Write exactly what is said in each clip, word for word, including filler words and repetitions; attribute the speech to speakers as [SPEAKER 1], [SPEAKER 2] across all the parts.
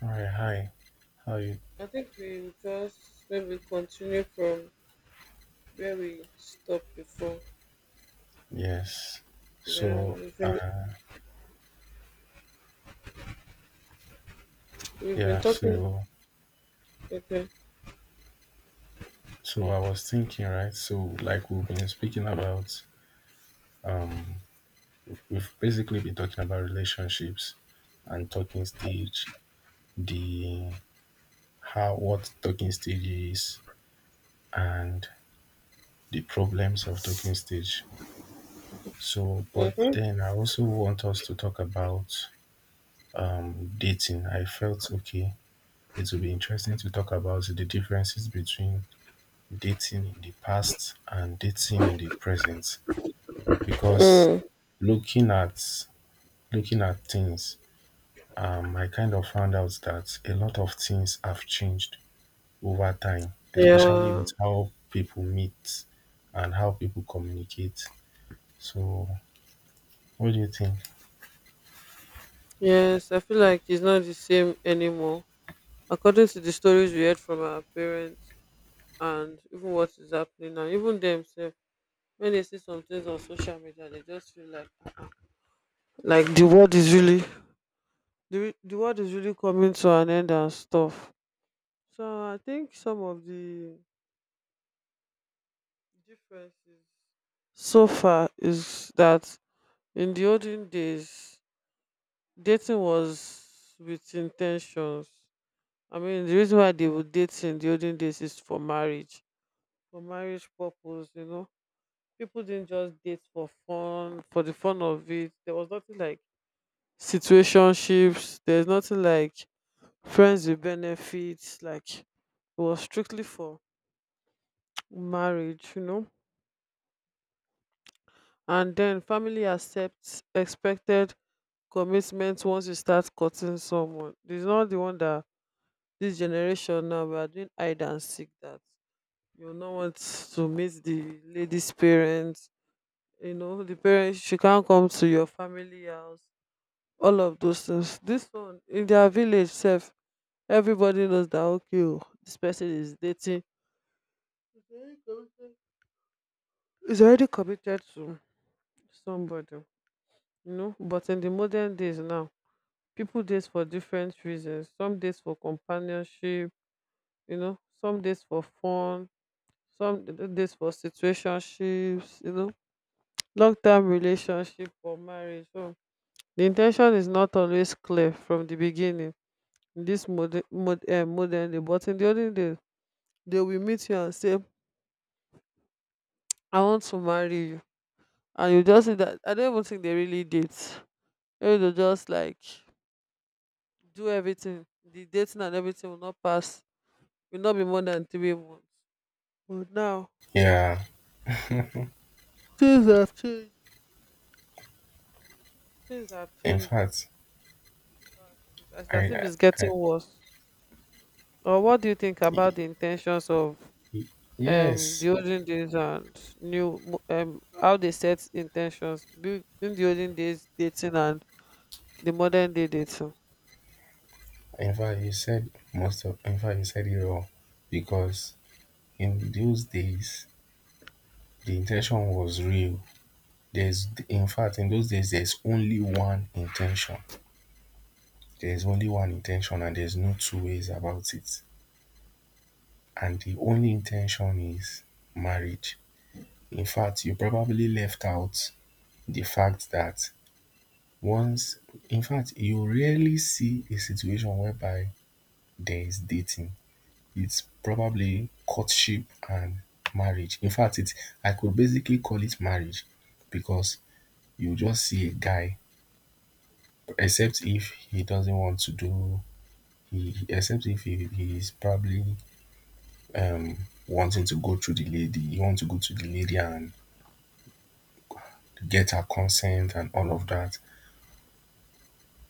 [SPEAKER 1] Hi, hi. How you?
[SPEAKER 2] I think we will just maybe continue from where we stopped before.
[SPEAKER 1] Yes.
[SPEAKER 2] Yeah,
[SPEAKER 1] So,
[SPEAKER 2] we've
[SPEAKER 1] uh,
[SPEAKER 2] been, we've been
[SPEAKER 1] yeah.
[SPEAKER 2] talking.
[SPEAKER 1] So,
[SPEAKER 2] Okay.
[SPEAKER 1] so I was thinking, right? So, like we've been speaking about, we've basically been talking about relationships and talking stage, the how what talking stage is, and the problems of talking stage. So, but
[SPEAKER 2] Mm-hmm.
[SPEAKER 1] then I also want us to talk about um dating. I felt okay. It would be interesting to talk about the differences between dating in the past and dating in the present because
[SPEAKER 2] Mm.
[SPEAKER 1] looking at looking at things um I kind of found out that a lot of things have changed over time, especially
[SPEAKER 2] Yeah.
[SPEAKER 1] with how people meet and how people communicate. So what do you think?
[SPEAKER 2] Yes, I feel like it's not the same anymore. According to the stories we heard from our parents and even what is happening now, even themselves, when they see some things on social media, they just feel like uh like the world is really the, re- the world is really coming to an end and stuff. So I think some of the difference so far is that in the olden days, dating was with intentions. I mean, the reason why they would date in the olden days is for marriage, for marriage purpose, you know. People didn't just date for fun, for the fun of it. There was nothing like situationships, there's nothing like friends with benefits. Like, it was strictly for marriage, you know. And then family accepts expected commitment once you start courting someone. This is not the one that this generation now we are doing hide and seek that you no want to meet the lady's parents, you know, the parents she can't come to your family house, all of those things. This one in their village self, everybody knows that okay, oh, this person is dating is already committed to somebody, you know. But in the modern days now, people date for different reasons. Some date for companionship you know, some days for fun, some d- days for situationships, you know, long term relationship or marriage. So the intention is not always clear from the beginning in this modern mod, uh, modern day, but in the olden days, they will meet you and say, I want to marry you. And you just see that I don't even think they really date. Maybe they just like do everything. The dating and everything will not pass. Will not be more than three months. But now hmm,
[SPEAKER 1] Yeah,
[SPEAKER 2] things have changed. Things have
[SPEAKER 1] in
[SPEAKER 2] changed. Oh.
[SPEAKER 1] fact,
[SPEAKER 2] It's
[SPEAKER 1] i
[SPEAKER 2] as if
[SPEAKER 1] i,
[SPEAKER 2] it's
[SPEAKER 1] I.
[SPEAKER 2] getting worse. Or what do you think about
[SPEAKER 1] y-
[SPEAKER 2] the intentions of
[SPEAKER 1] y-
[SPEAKER 2] um
[SPEAKER 1] yes,
[SPEAKER 2] the olden days and new mo- um how they set intentions between the olden days dating and the modern day dating?
[SPEAKER 1] in fact you said most of in fact, you said it all. Because in those days, the intention was real. There's, in fact, in those days, there's only one intention. There's only one intention, and there's no two ways about it. And the only intention is marriage. In fact, you probably left out the fact that once, in fact, you rarely see a situation whereby there is dating. It's probably courtship and marriage. In fact, it I could basically call it marriage, because you just see a guy, except if he doesn't want to do, he except if he, he's probably um wanting to go through the lady, you want to go to the lady and get her consent and all of that.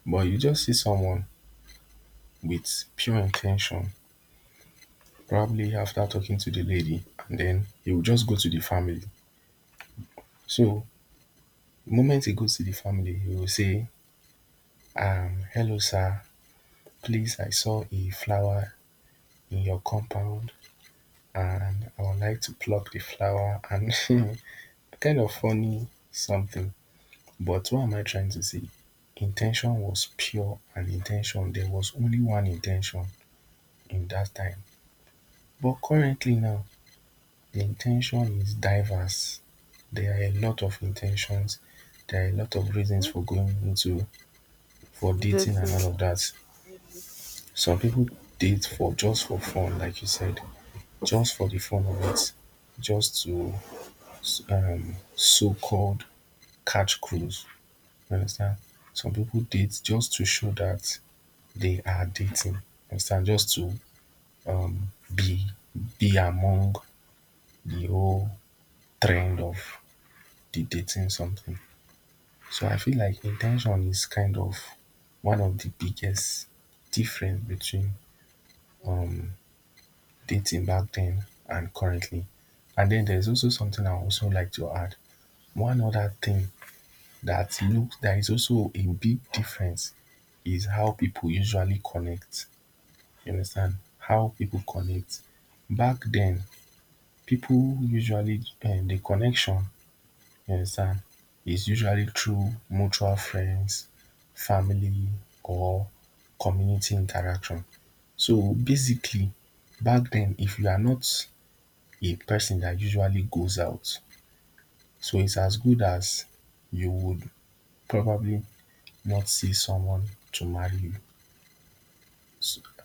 [SPEAKER 1] But you just see someone with pure intention, probably after talking to the lady, and then he will just go to the family. So the moment he goes to the family, he will say, um hello sir, please, I saw a flower in your compound and I would like to pluck the flower. And you kind of funny something, but what am I trying to say? Intention was pure and intention there was only one intention in that time. But currently now, the intention is diverse. There are a lot of intentions, there are a lot of reasons
[SPEAKER 2] Mhm.
[SPEAKER 1] for going into, for dating and
[SPEAKER 2] Dating.
[SPEAKER 1] all of that.
[SPEAKER 2] Yes.
[SPEAKER 1] Some people date for just for fun, like you said, just for the fun of it, just to, um so called, catch cruise. You understand? Some people date just to show that they are dating. You understand? Just to um be be among the whole trend of the dating something. So I feel like intention is kind of one of the biggest difference between dating back then and currently. And then there's also something I also like to add. One other thing that looks that is also a big difference is how people usually connect. You understand, how people connect. Back then, people usually um the connection, you understand, is usually through mutual friends, family, or community interaction. So basically, back then, if you are not a person that usually goes out, so it's as good as you would probably not see someone to marry you.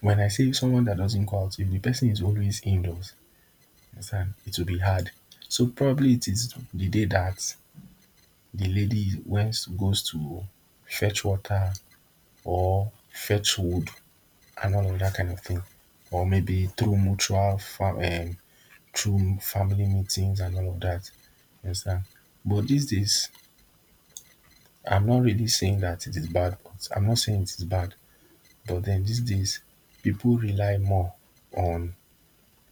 [SPEAKER 1] When I say someone that doesn't go out, if the person is always indoors, understand, it will be hard. So probably it is the day that the lady went goes to fetch water or fetch wood and all of that kind of thing, or maybe through mutual fam- um, through family meetings and all of that. You understand? But these days, I'm not really saying that it is bad. But I'm not saying it is bad. But then these days, people rely more on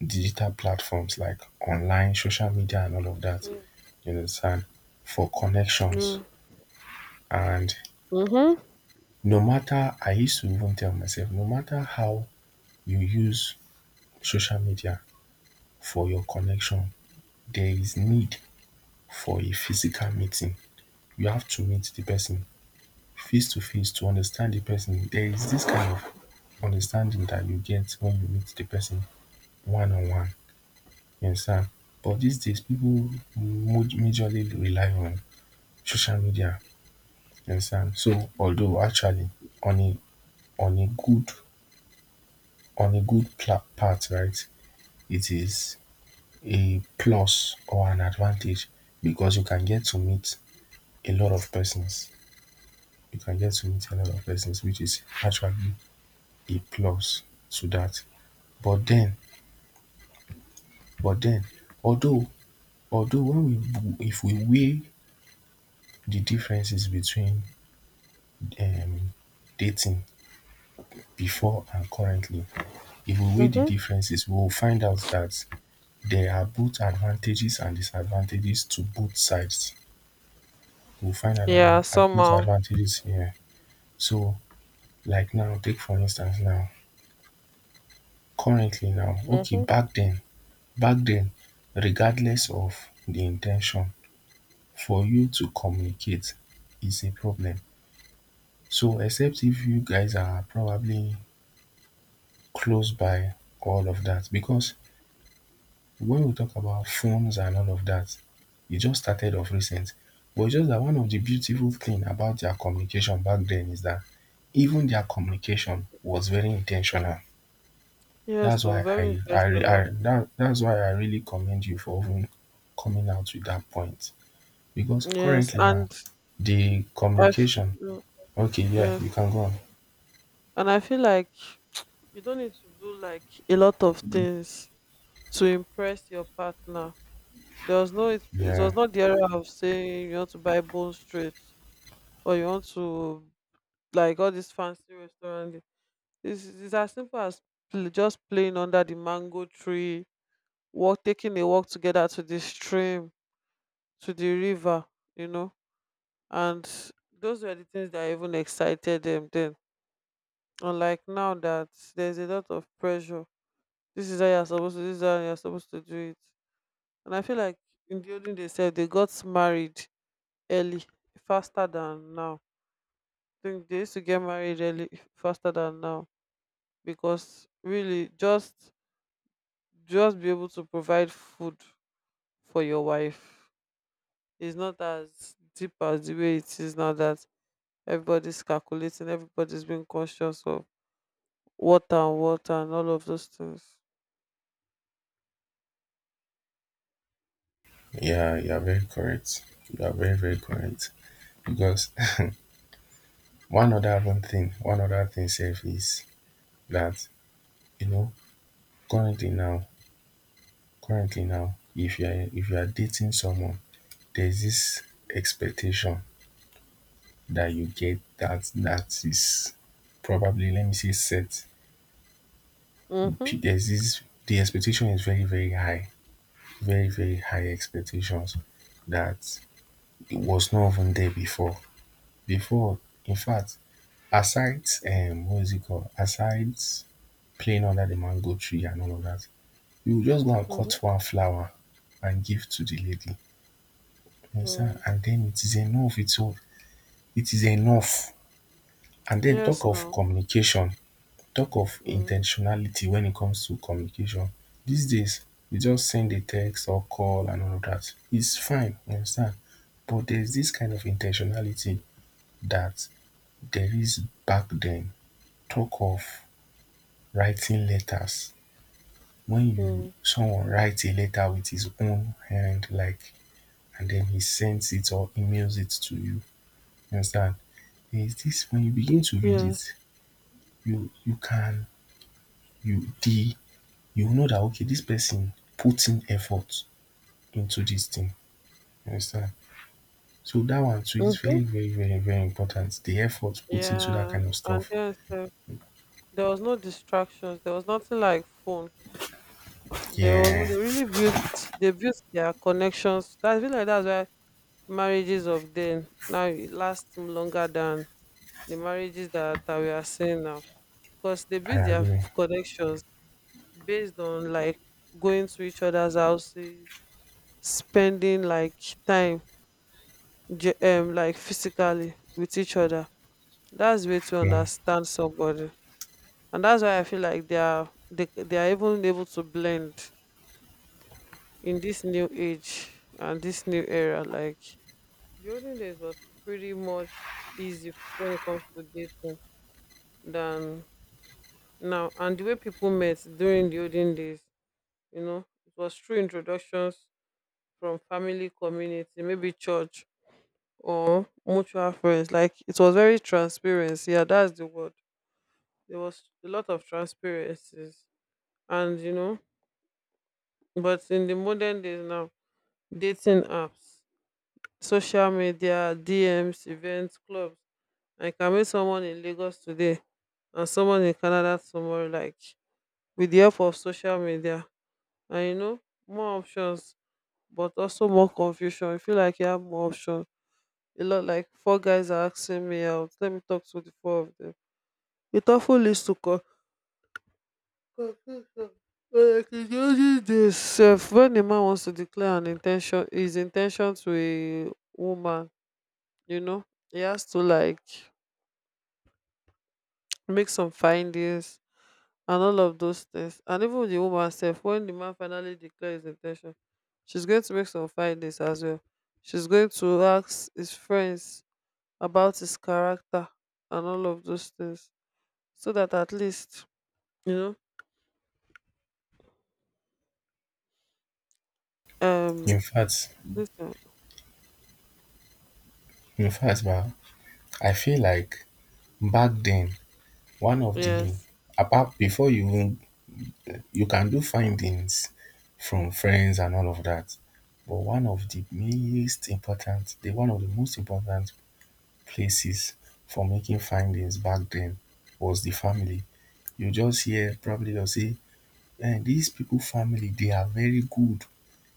[SPEAKER 1] digital platforms like online, social media, and all of that. You understand? For connections.
[SPEAKER 2] Yeah.
[SPEAKER 1] And
[SPEAKER 2] Mhm.
[SPEAKER 1] no matter, I used to even tell myself, no matter how you use social media for your connection, there is need for a physical meeting. You have to meet the person face to face to understand the person. There is this kind of understanding that you get when you meet the person one on one. You understand? But these days, people mo- majorly rely on social media, you understand. So although actually, on a on a good on a good pla- part, right, it is a plus or an advantage, because you can get to meet a lot of persons. You can get to meet a lot of persons, which is actually a plus to that. but then but then although Although when we if we weigh the differences between um dating before and currently, if we weigh the
[SPEAKER 2] Mhm.
[SPEAKER 1] differences, we will find out that there are both advantages and disadvantages to both sides. We'll find out that there
[SPEAKER 2] Yeah.
[SPEAKER 1] are both
[SPEAKER 2] Somehow.
[SPEAKER 1] advantages here. So, like now, take for instance now, currently now, okay,
[SPEAKER 2] Mhm.
[SPEAKER 1] back then, back then, regardless of the intention, for you to communicate is a problem. So, except if you guys are probably close by, all of that, because when we talk about phones and all of that, it just started off recent. But it's just that one of the beautiful thing about their communication back then is that even their communication was very intentional.
[SPEAKER 2] Yes.
[SPEAKER 1] That's why
[SPEAKER 2] So
[SPEAKER 1] I
[SPEAKER 2] very
[SPEAKER 1] I I
[SPEAKER 2] intentional.
[SPEAKER 1] that that's why I really commend you for even coming out with that point. Because
[SPEAKER 2] Yes.
[SPEAKER 1] currently now,
[SPEAKER 2] And
[SPEAKER 1] the
[SPEAKER 2] I. f-
[SPEAKER 1] communication,
[SPEAKER 2] yeah.
[SPEAKER 1] okay, yeah, you
[SPEAKER 2] Yes.
[SPEAKER 1] can go on.
[SPEAKER 2] And I feel like you don't need to do like a lot of things to impress your partner. There was no it, it was
[SPEAKER 1] Yeah
[SPEAKER 2] not the era of saying you want to buy bone straight or you want to like all this fancy restaurant. It's, it's as simple as pl- just playing under the mango tree, walk taking a walk together to the stream, to the river, you know. And those were the things that even excited them then. Unlike now that there's a lot of pressure. This is how you're supposed to this is how you're supposed to do it. And I feel like in the olden days sef, they got married early faster than now. I think they used to get married early faster than now because really just just be able to provide food for your wife is not as deep as the way it is now that everybody's calculating, everybody's being conscious of water and water and all of those things.
[SPEAKER 1] yeah, you are very correct. You are very very correct. Because one other one thing one other thing safe is that, you know, currently now, currently now if you are, if you are dating someone, there is this expectation that you get that that is probably, let me say, set.
[SPEAKER 2] Mm-hmm.
[SPEAKER 1] P- there's this, the expectation is very very high. Very very high expectations, that it was not even there before. Before, in fact, aside um what is it called, aside playing under the mango tree and all of that, you will just go and cut
[SPEAKER 2] Mm-hmm.
[SPEAKER 1] one flower and give to the lady, my son,
[SPEAKER 2] Mm.
[SPEAKER 1] and dem, it is enough, it it is enough. And den, talk
[SPEAKER 2] Yes,
[SPEAKER 1] of
[SPEAKER 2] now.
[SPEAKER 1] communication, talk of in ten
[SPEAKER 2] Mm.
[SPEAKER 1] tionality when it comes to communication, these days you just send a text or call and all of that, its fine, you understand. But there is this kind of in ten tionality that there is back den. Talk of writing letters. When you,
[SPEAKER 2] Mm.
[SPEAKER 1] someone write a letter with his own hand, like, and den he sends it or emails it to you, you understand, is this when you begin to read
[SPEAKER 2] Yes.
[SPEAKER 1] it, you you can, you the you know that okay, this person put in effort into this thing. You understand? So that one too is
[SPEAKER 2] Mm-hmm.
[SPEAKER 1] very very very very important. The effort put into that kind
[SPEAKER 2] Yeah,
[SPEAKER 1] of
[SPEAKER 2] and
[SPEAKER 1] stuff.
[SPEAKER 2] then sef, there was no distractions. There was nothing like phone. There was no-
[SPEAKER 1] Yeah,
[SPEAKER 2] they really built They built their connections. That's feel like that's why marriages of then now it lasts longer than the marriages that, that we are seeing now. Because they
[SPEAKER 1] I
[SPEAKER 2] built their
[SPEAKER 1] agree.
[SPEAKER 2] f- connections based on like going to each other's houses, spending like time ge- um like physically with each other. That's way to
[SPEAKER 1] Yeah.
[SPEAKER 2] understand somebody. And that's why I feel like they are they, they are even able to blend in this new age and this new era, like the olden days was pretty much easy when it comes to dating than now. And the way people met during the olden days, you know, it was through introductions from family, community, maybe church or mutual friends. Like it was very transparency. Yeah, that's the word. There was a lot of transparencies, and you know, but in the modern days now, dating apps, social media, D Ms, events, clubs. Like, I can meet someone in Lagos today and someone in Canada tomorrow, like with the help of social media. And you know, more options, but also more confusion. I feel like you have more options. A lot like four guys are asking me out. Let me talk to the four of them. It often leads to co- confusion. Like it uses this self when a man wants to declare an intention his intention to a woman, you know, he has to like make some findings and all of those things. And even the woman herself, when the man finally declares his intention, she's going to make some findings as well. She's going to ask his friends about his character and all of those things, so that at least you know.
[SPEAKER 1] In
[SPEAKER 2] Um,
[SPEAKER 1] fact,
[SPEAKER 2] listen.
[SPEAKER 1] in fact, bah, I feel like back then, one of the,
[SPEAKER 2] Yes.
[SPEAKER 1] apart before you even, you can do findings from friends and all of that. But one of the most important, the one of the most important places for making findings back then was the family. You just hear probably they'll say, eh, these people family they are very good.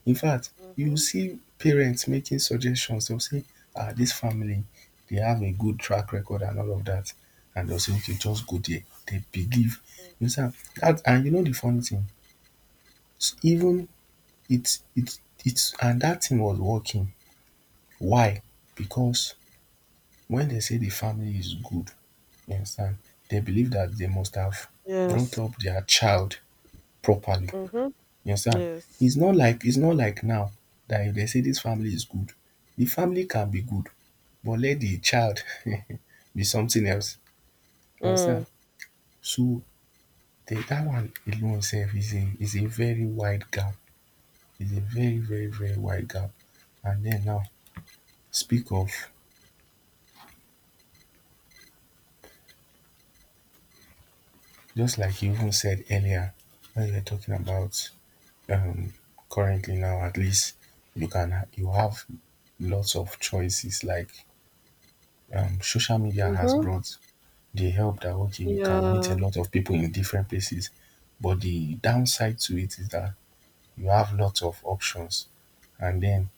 [SPEAKER 1] In fact, you
[SPEAKER 2] Mm-hmm.
[SPEAKER 1] see parents making suggestions, they'll say, ah, this family they have a good track record and all of that. And they'll say, okay, just go there. They believe. You understand? That, and you know the funny thing, S- even it's it's it's, and that thing was working. Why? Because when they say the family is good, you understand, they believe that they must have brought
[SPEAKER 2] Yes.
[SPEAKER 1] up their child properly.
[SPEAKER 2] Mm-hmm.
[SPEAKER 1] You understand?
[SPEAKER 2] Yes.
[SPEAKER 1] It's not like, it's not like now, that if they say this family is good, the family can be good, but let the child be something else. You understand?
[SPEAKER 2] Mm.
[SPEAKER 1] So the, that one alone self is a is a very wide gap. Is a very very very wide gap. And then now, speak of, just like you even said earlier, when you were talking about, um currently now, at least you can ha- you have lots of choices, like um social media has
[SPEAKER 2] Mm-hmm.
[SPEAKER 1] brought the help that okay, you can meet a
[SPEAKER 2] Yeah.
[SPEAKER 1] lot of people in different places. But the downside to it is that you have lots of options, and then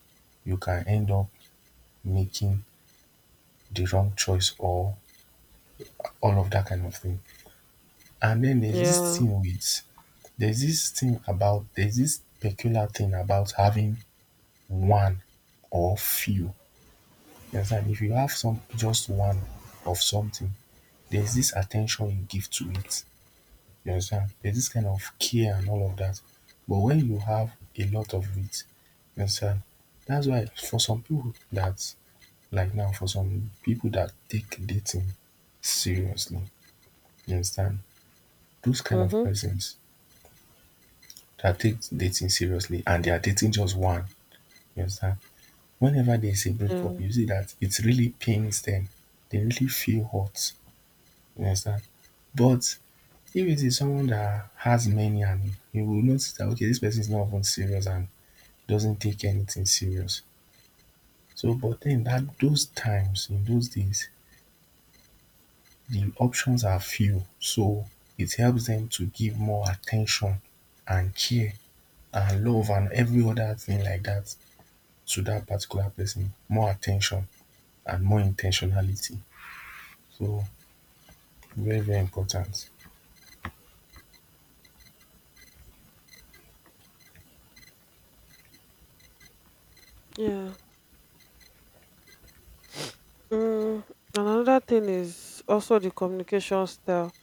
[SPEAKER 1] you can end up making the wrong choice or all of that kind of thing. And then there's this
[SPEAKER 2] Yeah.
[SPEAKER 1] thing with there's this thing about, there's this peculiar thing about having one or few. You understand? If you have some just one of something, there's this attention you give to it. You understand? There's this kind of care and all of that. But when you have a lot of it, you understand? That's why for some people that, like now, for some people that take dating seriously, you understand? Those kind of
[SPEAKER 2] Mm-hmm.
[SPEAKER 1] persons that take dating seriously and they are dating just one, you understand? Whenever there's a breakup,
[SPEAKER 2] Yeah.
[SPEAKER 1] you see that it really pains them, they really feel hurt, you understand. But if it is someone that has many, and you will notice that okay, this person is not even serious and doesn't take anything serious. So but then that those times, in those days, the options are few, so it helps them to give more attention and care and love and every other thing like that to that particular person, more attention and more intentionality. So very, very important.
[SPEAKER 2] Yeah. Mm, another thing is also the communication style.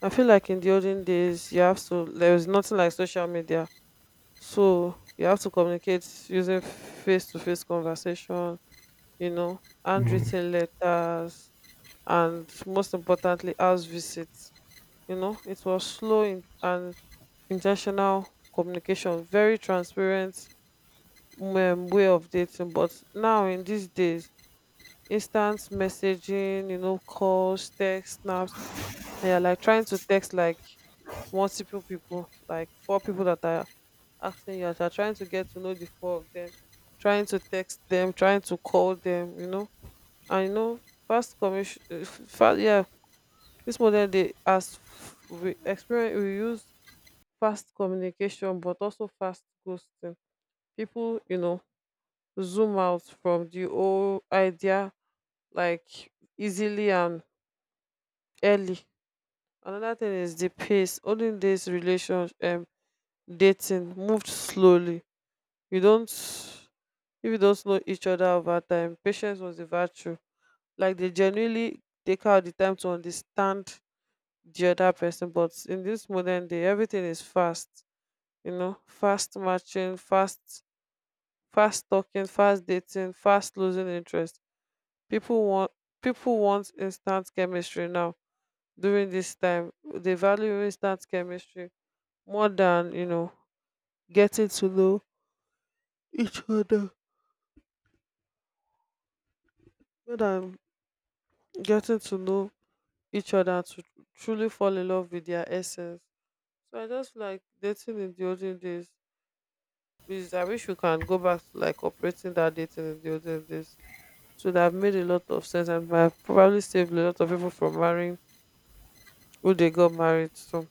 [SPEAKER 2] I feel like in the olden days, you have to, there was nothing like social media. So you have to communicate using face to face conversation, you know, handwritten letters, and most importantly, house visits. You know, it was slow in, and intentional communication, very transparent um, way of dating. But now, in these days, instant messaging, you know, calls, text, snaps, and you're like trying to text like multiple people, like four people that are asking you out, you're trying to get to know the four of them, trying to text them, trying to call them, you know. And you know, fast commission, fast, yeah, this model they as f- we experience, we use fast communication, but also fast ghosting. People, you know, zoom out from the old idea like easily and early. Another thing is the pace. Olden days relationship um dating moved slowly. You don't if you don't know each other over time, patience was a virtue. Like they genuinely take out the time to understand the other person. But in this modern day, everything is fast. You know, fast matching, fast fast talking, fast dating, fast losing interest. People want people want instant chemistry now. During this time, they value instant chemistry more than you know getting to know each other more than getting to know each other to truly fall in love with their essence. So I just feel like dating in the olden days is I wish we can go back to like operating that dating in the olden days so that made a lot of sense and might have probably saved a lot of people from marrying who they got married to.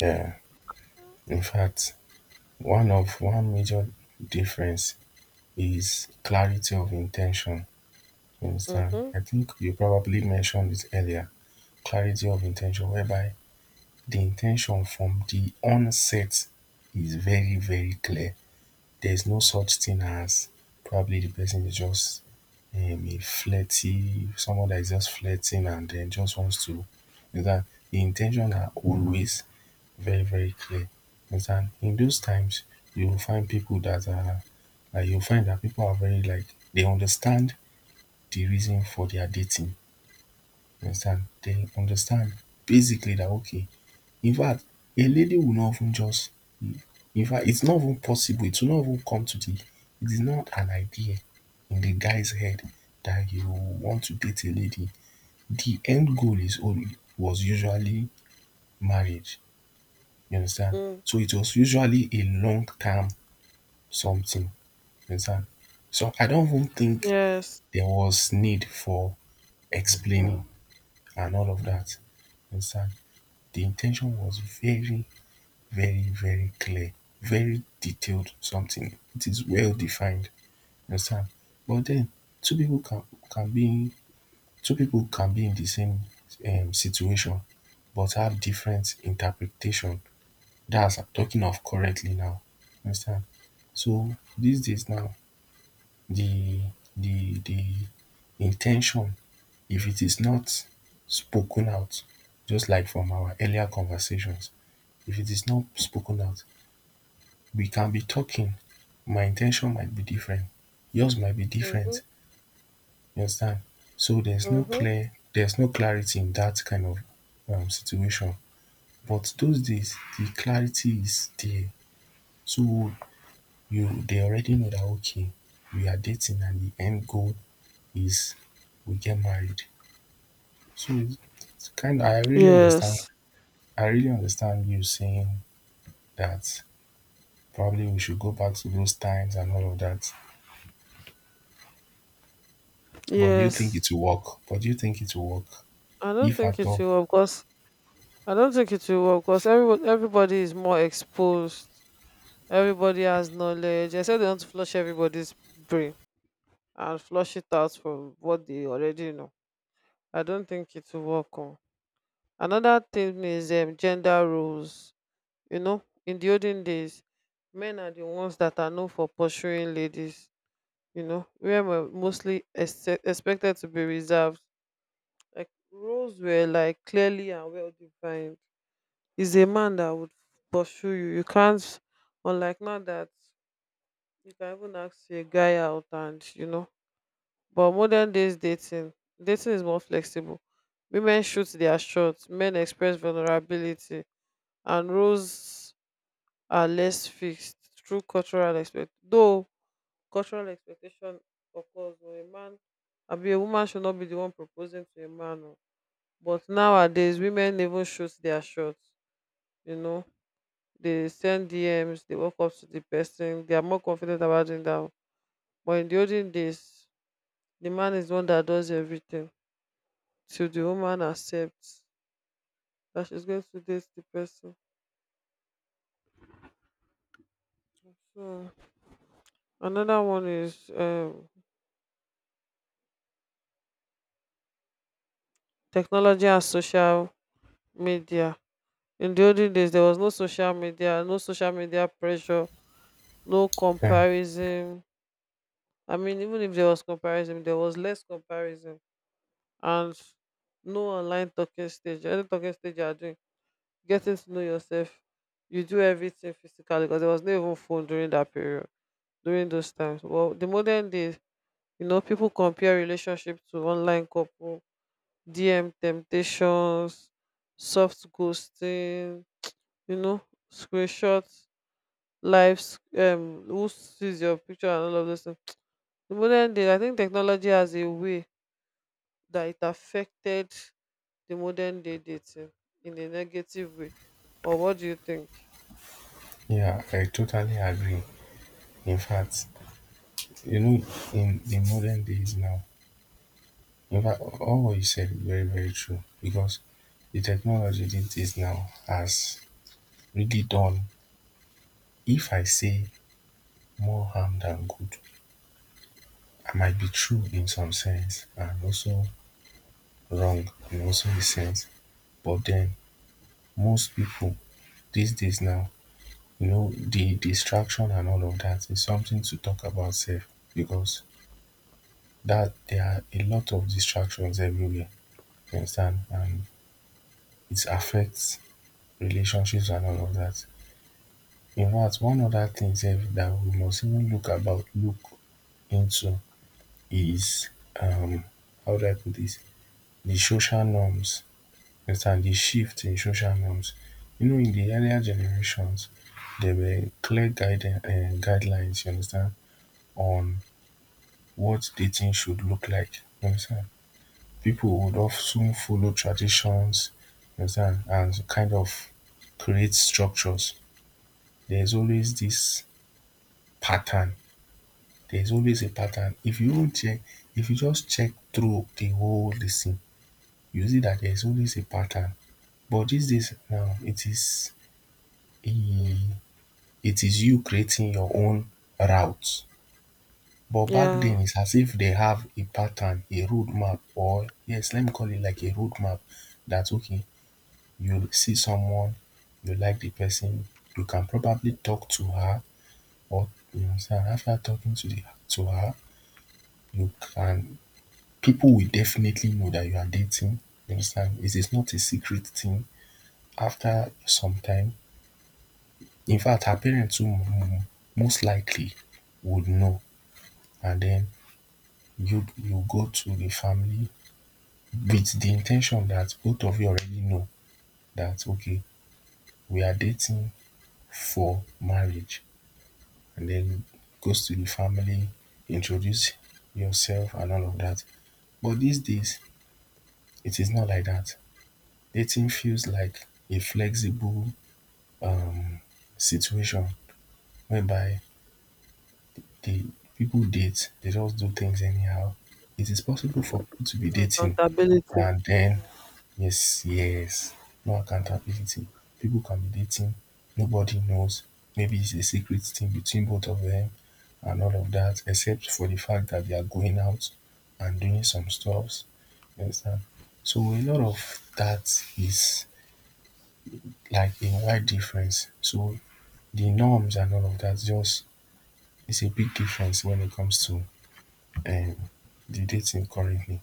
[SPEAKER 1] Yeah. In fact, one of one major difference is clarity of intention. You understand?
[SPEAKER 2] Mm-hmm.
[SPEAKER 1] I think you probably mentioned it earlier. Clarity of intention, whereby the intention from the onset is very, very clear. There's no such thing as probably the person is just um, a flirty, someone that is just flirting and then just wants to. You understand? The intention are always very, very clear. You understand? In those times, you will find people that are like, you'll find that people are very like, they understand the reason for their dating. You understand? They understand basically that okay. In fact, a lady will not of ten just, in fact, it's not even possible. It will not even come to the. It is not an idea in the guy's head that you want to date a lady. The end goal is only, was usually, marriage. You understand?
[SPEAKER 2] Mm.
[SPEAKER 1] So it was usually a long term something. You understand? So I don't even think
[SPEAKER 2] Yes.
[SPEAKER 1] there was need for explaining and all of that. You understand? The intention was very, very, very clear, very detailed something. It is well defined. Understand? But then, two people can can be two people can be in the same um situation but have different interpretation. That's, I'm talking of correctly now, understand. So these days now, the the the intention, if it is not spoken out, just like from our earlier conversations, if it is not spoken out, we can be talking, my intention might be different, yours might be
[SPEAKER 2] Mm-hmm.
[SPEAKER 1] different. You understand? So there's no
[SPEAKER 2] Mm-hmm.
[SPEAKER 1] clear, there's no clarity in that kind of um, situation. But those days, the clarity is there. So you, they already know that okay, we are dating and the end goal is we get married. So it's, it's kind of, I really
[SPEAKER 2] Yes,
[SPEAKER 1] understand. I really understand you saying that probably we should go back to those times and all of that. But do you think it
[SPEAKER 2] yes.
[SPEAKER 1] will work? But do you think it will work?
[SPEAKER 2] I don't
[SPEAKER 1] If
[SPEAKER 2] think
[SPEAKER 1] at
[SPEAKER 2] it
[SPEAKER 1] all,
[SPEAKER 2] will work because I don't think it will work because everyone everybody is more exposed. Everybody has knowledge. I said they want to flush everybody's brain and flush it out from what they already know. I don't think it will work. On. Another thing is um, gender roles. You know, in the olden days, men are the ones that are known for pursuing ladies. You know, women were mostly ex- expected to be reserved. Like roles were like clearly and well defined. He's a man that would pursue you. You can't unlike now that you can even ask a guy out and you know. But modern days dating dating is more flexible. Women shoot their shots, men express vulnerability and roles are less fixed through cultural expect though cultural expectation occurs when a man I mean a woman should not be the one proposing to a man. Oh. But nowadays women even shoot their shots. You know, they send DMs, they walk up to the person, they are more confident about doing that. But in the olden days, the man is the one that does everything till the woman accepts that she's going to date the person. So another one is um technology and social media. In the olden days there was no social media, no social media pressure, no
[SPEAKER 1] hmm.
[SPEAKER 2] comparison. I mean, even if there was comparison there was less comparison, and no online talking stage. Any talking stage you are doing, getting to know yourself. You do everything physically because there was no even phone during that period, during those times. Well, the modern days, you know, people compare relationship to online couple, D M temptations, soft ghosting, you know, screenshots, lives, um, who sees your picture and all of those things. The modern day, I think technology has a way that it affected the modern day dating in a negative way? Or what do you think?
[SPEAKER 1] Yeah, I totally agree. In fact, you know, in the modern days now, in fact, all what you said is very, very true, because the technology these days now has really done, if I say more harm than good, I might be true in some sense and also wrong in also a sense. But then most people these days now, you know, the distraction and all of that is something to talk about safe, because that there are a lot of distractions everywhere. You understand? And it affects relationships and all of that. In fact, one other thing sef that we must even look about look into is um how do I put this, the social norms, you understand, the shift in social norms. You know, in the earlier generations there were clear guidance, um guidelines, you understand, on what dating should look like, you understand. People would often follow traditions, you understand, and kind of create structures. There's always this pattern. There's always a pattern. If you don't check, if you just check through the whole thing, you see that there's always a pattern. But these days now, it is a,
[SPEAKER 2] Mm.
[SPEAKER 1] it is you creating your own route. But back
[SPEAKER 2] Yeah,
[SPEAKER 1] then, it's as if they have a pattern, a roadmap, or yes, let me call it like a roadmap. That's okay, you see someone, you like the person, you can probably talk to her, or you know, after talking to the to her, look, and people will definitely know that you are dating. You understand? It is not a secret thing. After some time, in fact, her parents too, mm, most likely would know, and then you you go to the family with the intention that both of you already know that okay, we are dating for marriage, and then goes to the family, introduce yourself and all of that. But these days, it is not like that. Dating feels like a flexible situation, whereby the people date, they just do things anyhow. It is possible for people to be dating
[SPEAKER 2] accountability.
[SPEAKER 1] and then yes, yes, no accountability, people can be dating, nobody knows, maybe it's a secret thing between both of them and all of that, except for the fact that they are going out and doing some stuffs, you understand. So a lot of that is like a wide difference. So the norms and all of that just, it's a big difference when it comes to um, the dating currently.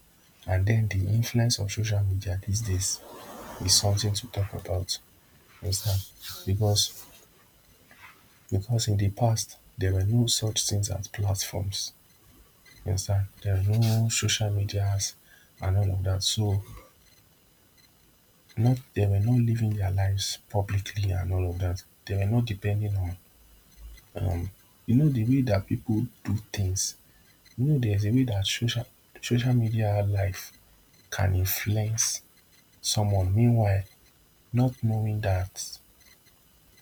[SPEAKER 1] And then the influence of social media these days is something to talk about. You understand? Because because in the past there were no such things as platforms. You understand? There were no social medias and all of that. So not they were not living their lives publicly and all of that. They were not depending on um you know, di way dat pipo do things, you know, theres a way dat social social media life can influence someone, meanwhile not knowing dat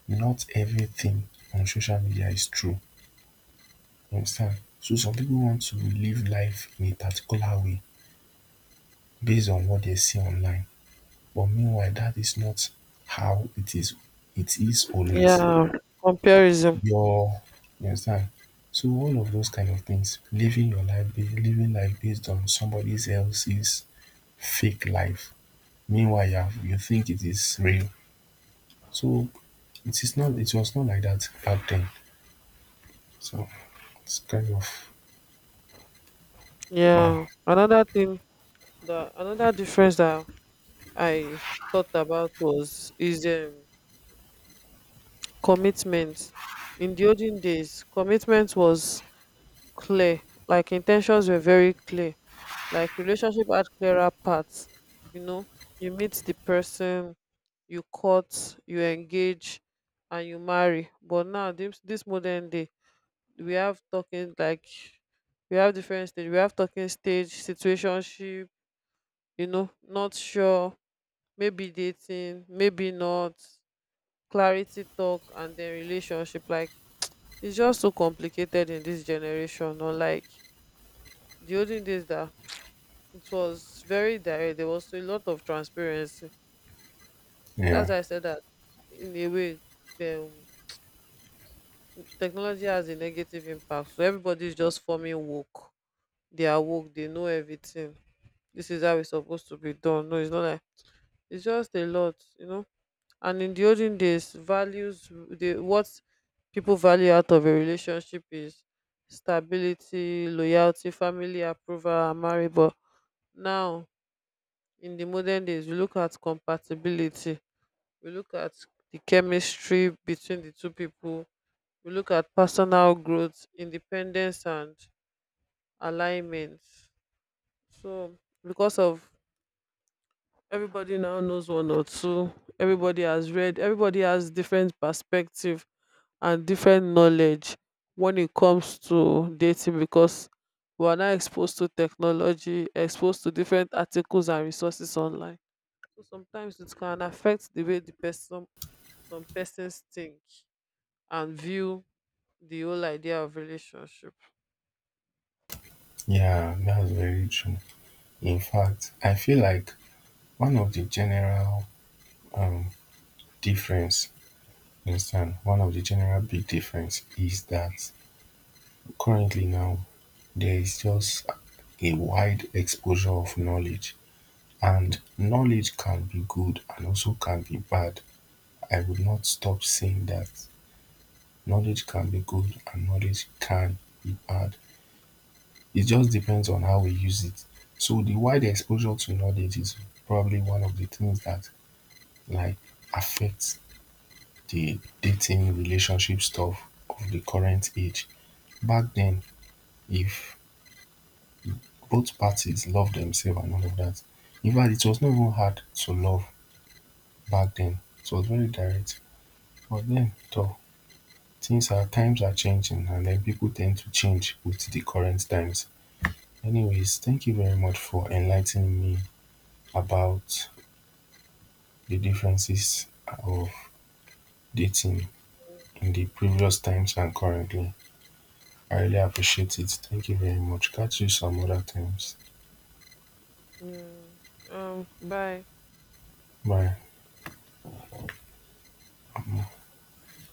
[SPEAKER 1] not everything on social media is true, you understand. So some pipo want to live life in a particular way base on what dem see online, but meanwhile dat is not how it is. It is always
[SPEAKER 2] Yeah, comparison.
[SPEAKER 1] your, you understand. So all of those kind of things, living your life ba- living life based on somebody else's fake life, meanwhile you, have, you think it is real. So it is not, it was not like that back then. So it's kind of wow.
[SPEAKER 2] Yeah, another thing that another difference that I thought about was is um, commitment. In the olden days, commitment was clear. Like intentions were very clear. Like relationship had clearer paths. You know, you meet the person, you court, you engage and you marry. But now this, this modern day we have talking like we have different stage, we have talking stage, situationship, you know, not sure, maybe dating, maybe not, clarity talk, and then relationship. Like it's just so complicated in this generation. Or like the olden days that it was very direct, there was a lot of transparency, that's
[SPEAKER 1] Yeah,
[SPEAKER 2] why I said that in a way, um, technology has a negative impact. So everybody's just forming woke. They are woke, they know everything. This is how it's supposed to be done. No, it's not like it's just a lot, you know. And in the olden days, values the what people value out of a relationship is stability, loyalty, family approval, and marriage. But now in the modern days, we look at compatibility, we look at the chemistry between the two people, we look at personal growth, independence, and alignments. So because of everybody now knows one or two, everybody has read, everybody has different perspective and different knowledge when it comes to dating because we are now exposed to technology, exposed to different articles and resources online. So sometimes it can affect the way the person some persons think and view the whole idea of relationship.
[SPEAKER 1] yeah, that's very true. In fact, I feel like one of the general um difference, you understand, one of the general big difference is that currently now, there is just a wide exposure of knowledge, and knowledge can be good and also can be bad. I will not stop saying that knowledge can be good and knowledge can be bad. It just depends on how we use it. So the wide exposure to knowledge is probably one of the things that like affects the dating relationship stuff of the current age. Back then, if both parties love themselves and all of that, in fact, it was not even hard to love. Back then it was very direct, but then toor things are, times are changing, and then people tend to change with the current times. Anyways, thank you very much for enlightening me about the differences of dating in the previous times and currently. I really appreciate it. Thank you very much, catch you some other times.
[SPEAKER 2] Yeah. Um, bye.
[SPEAKER 1] Bye.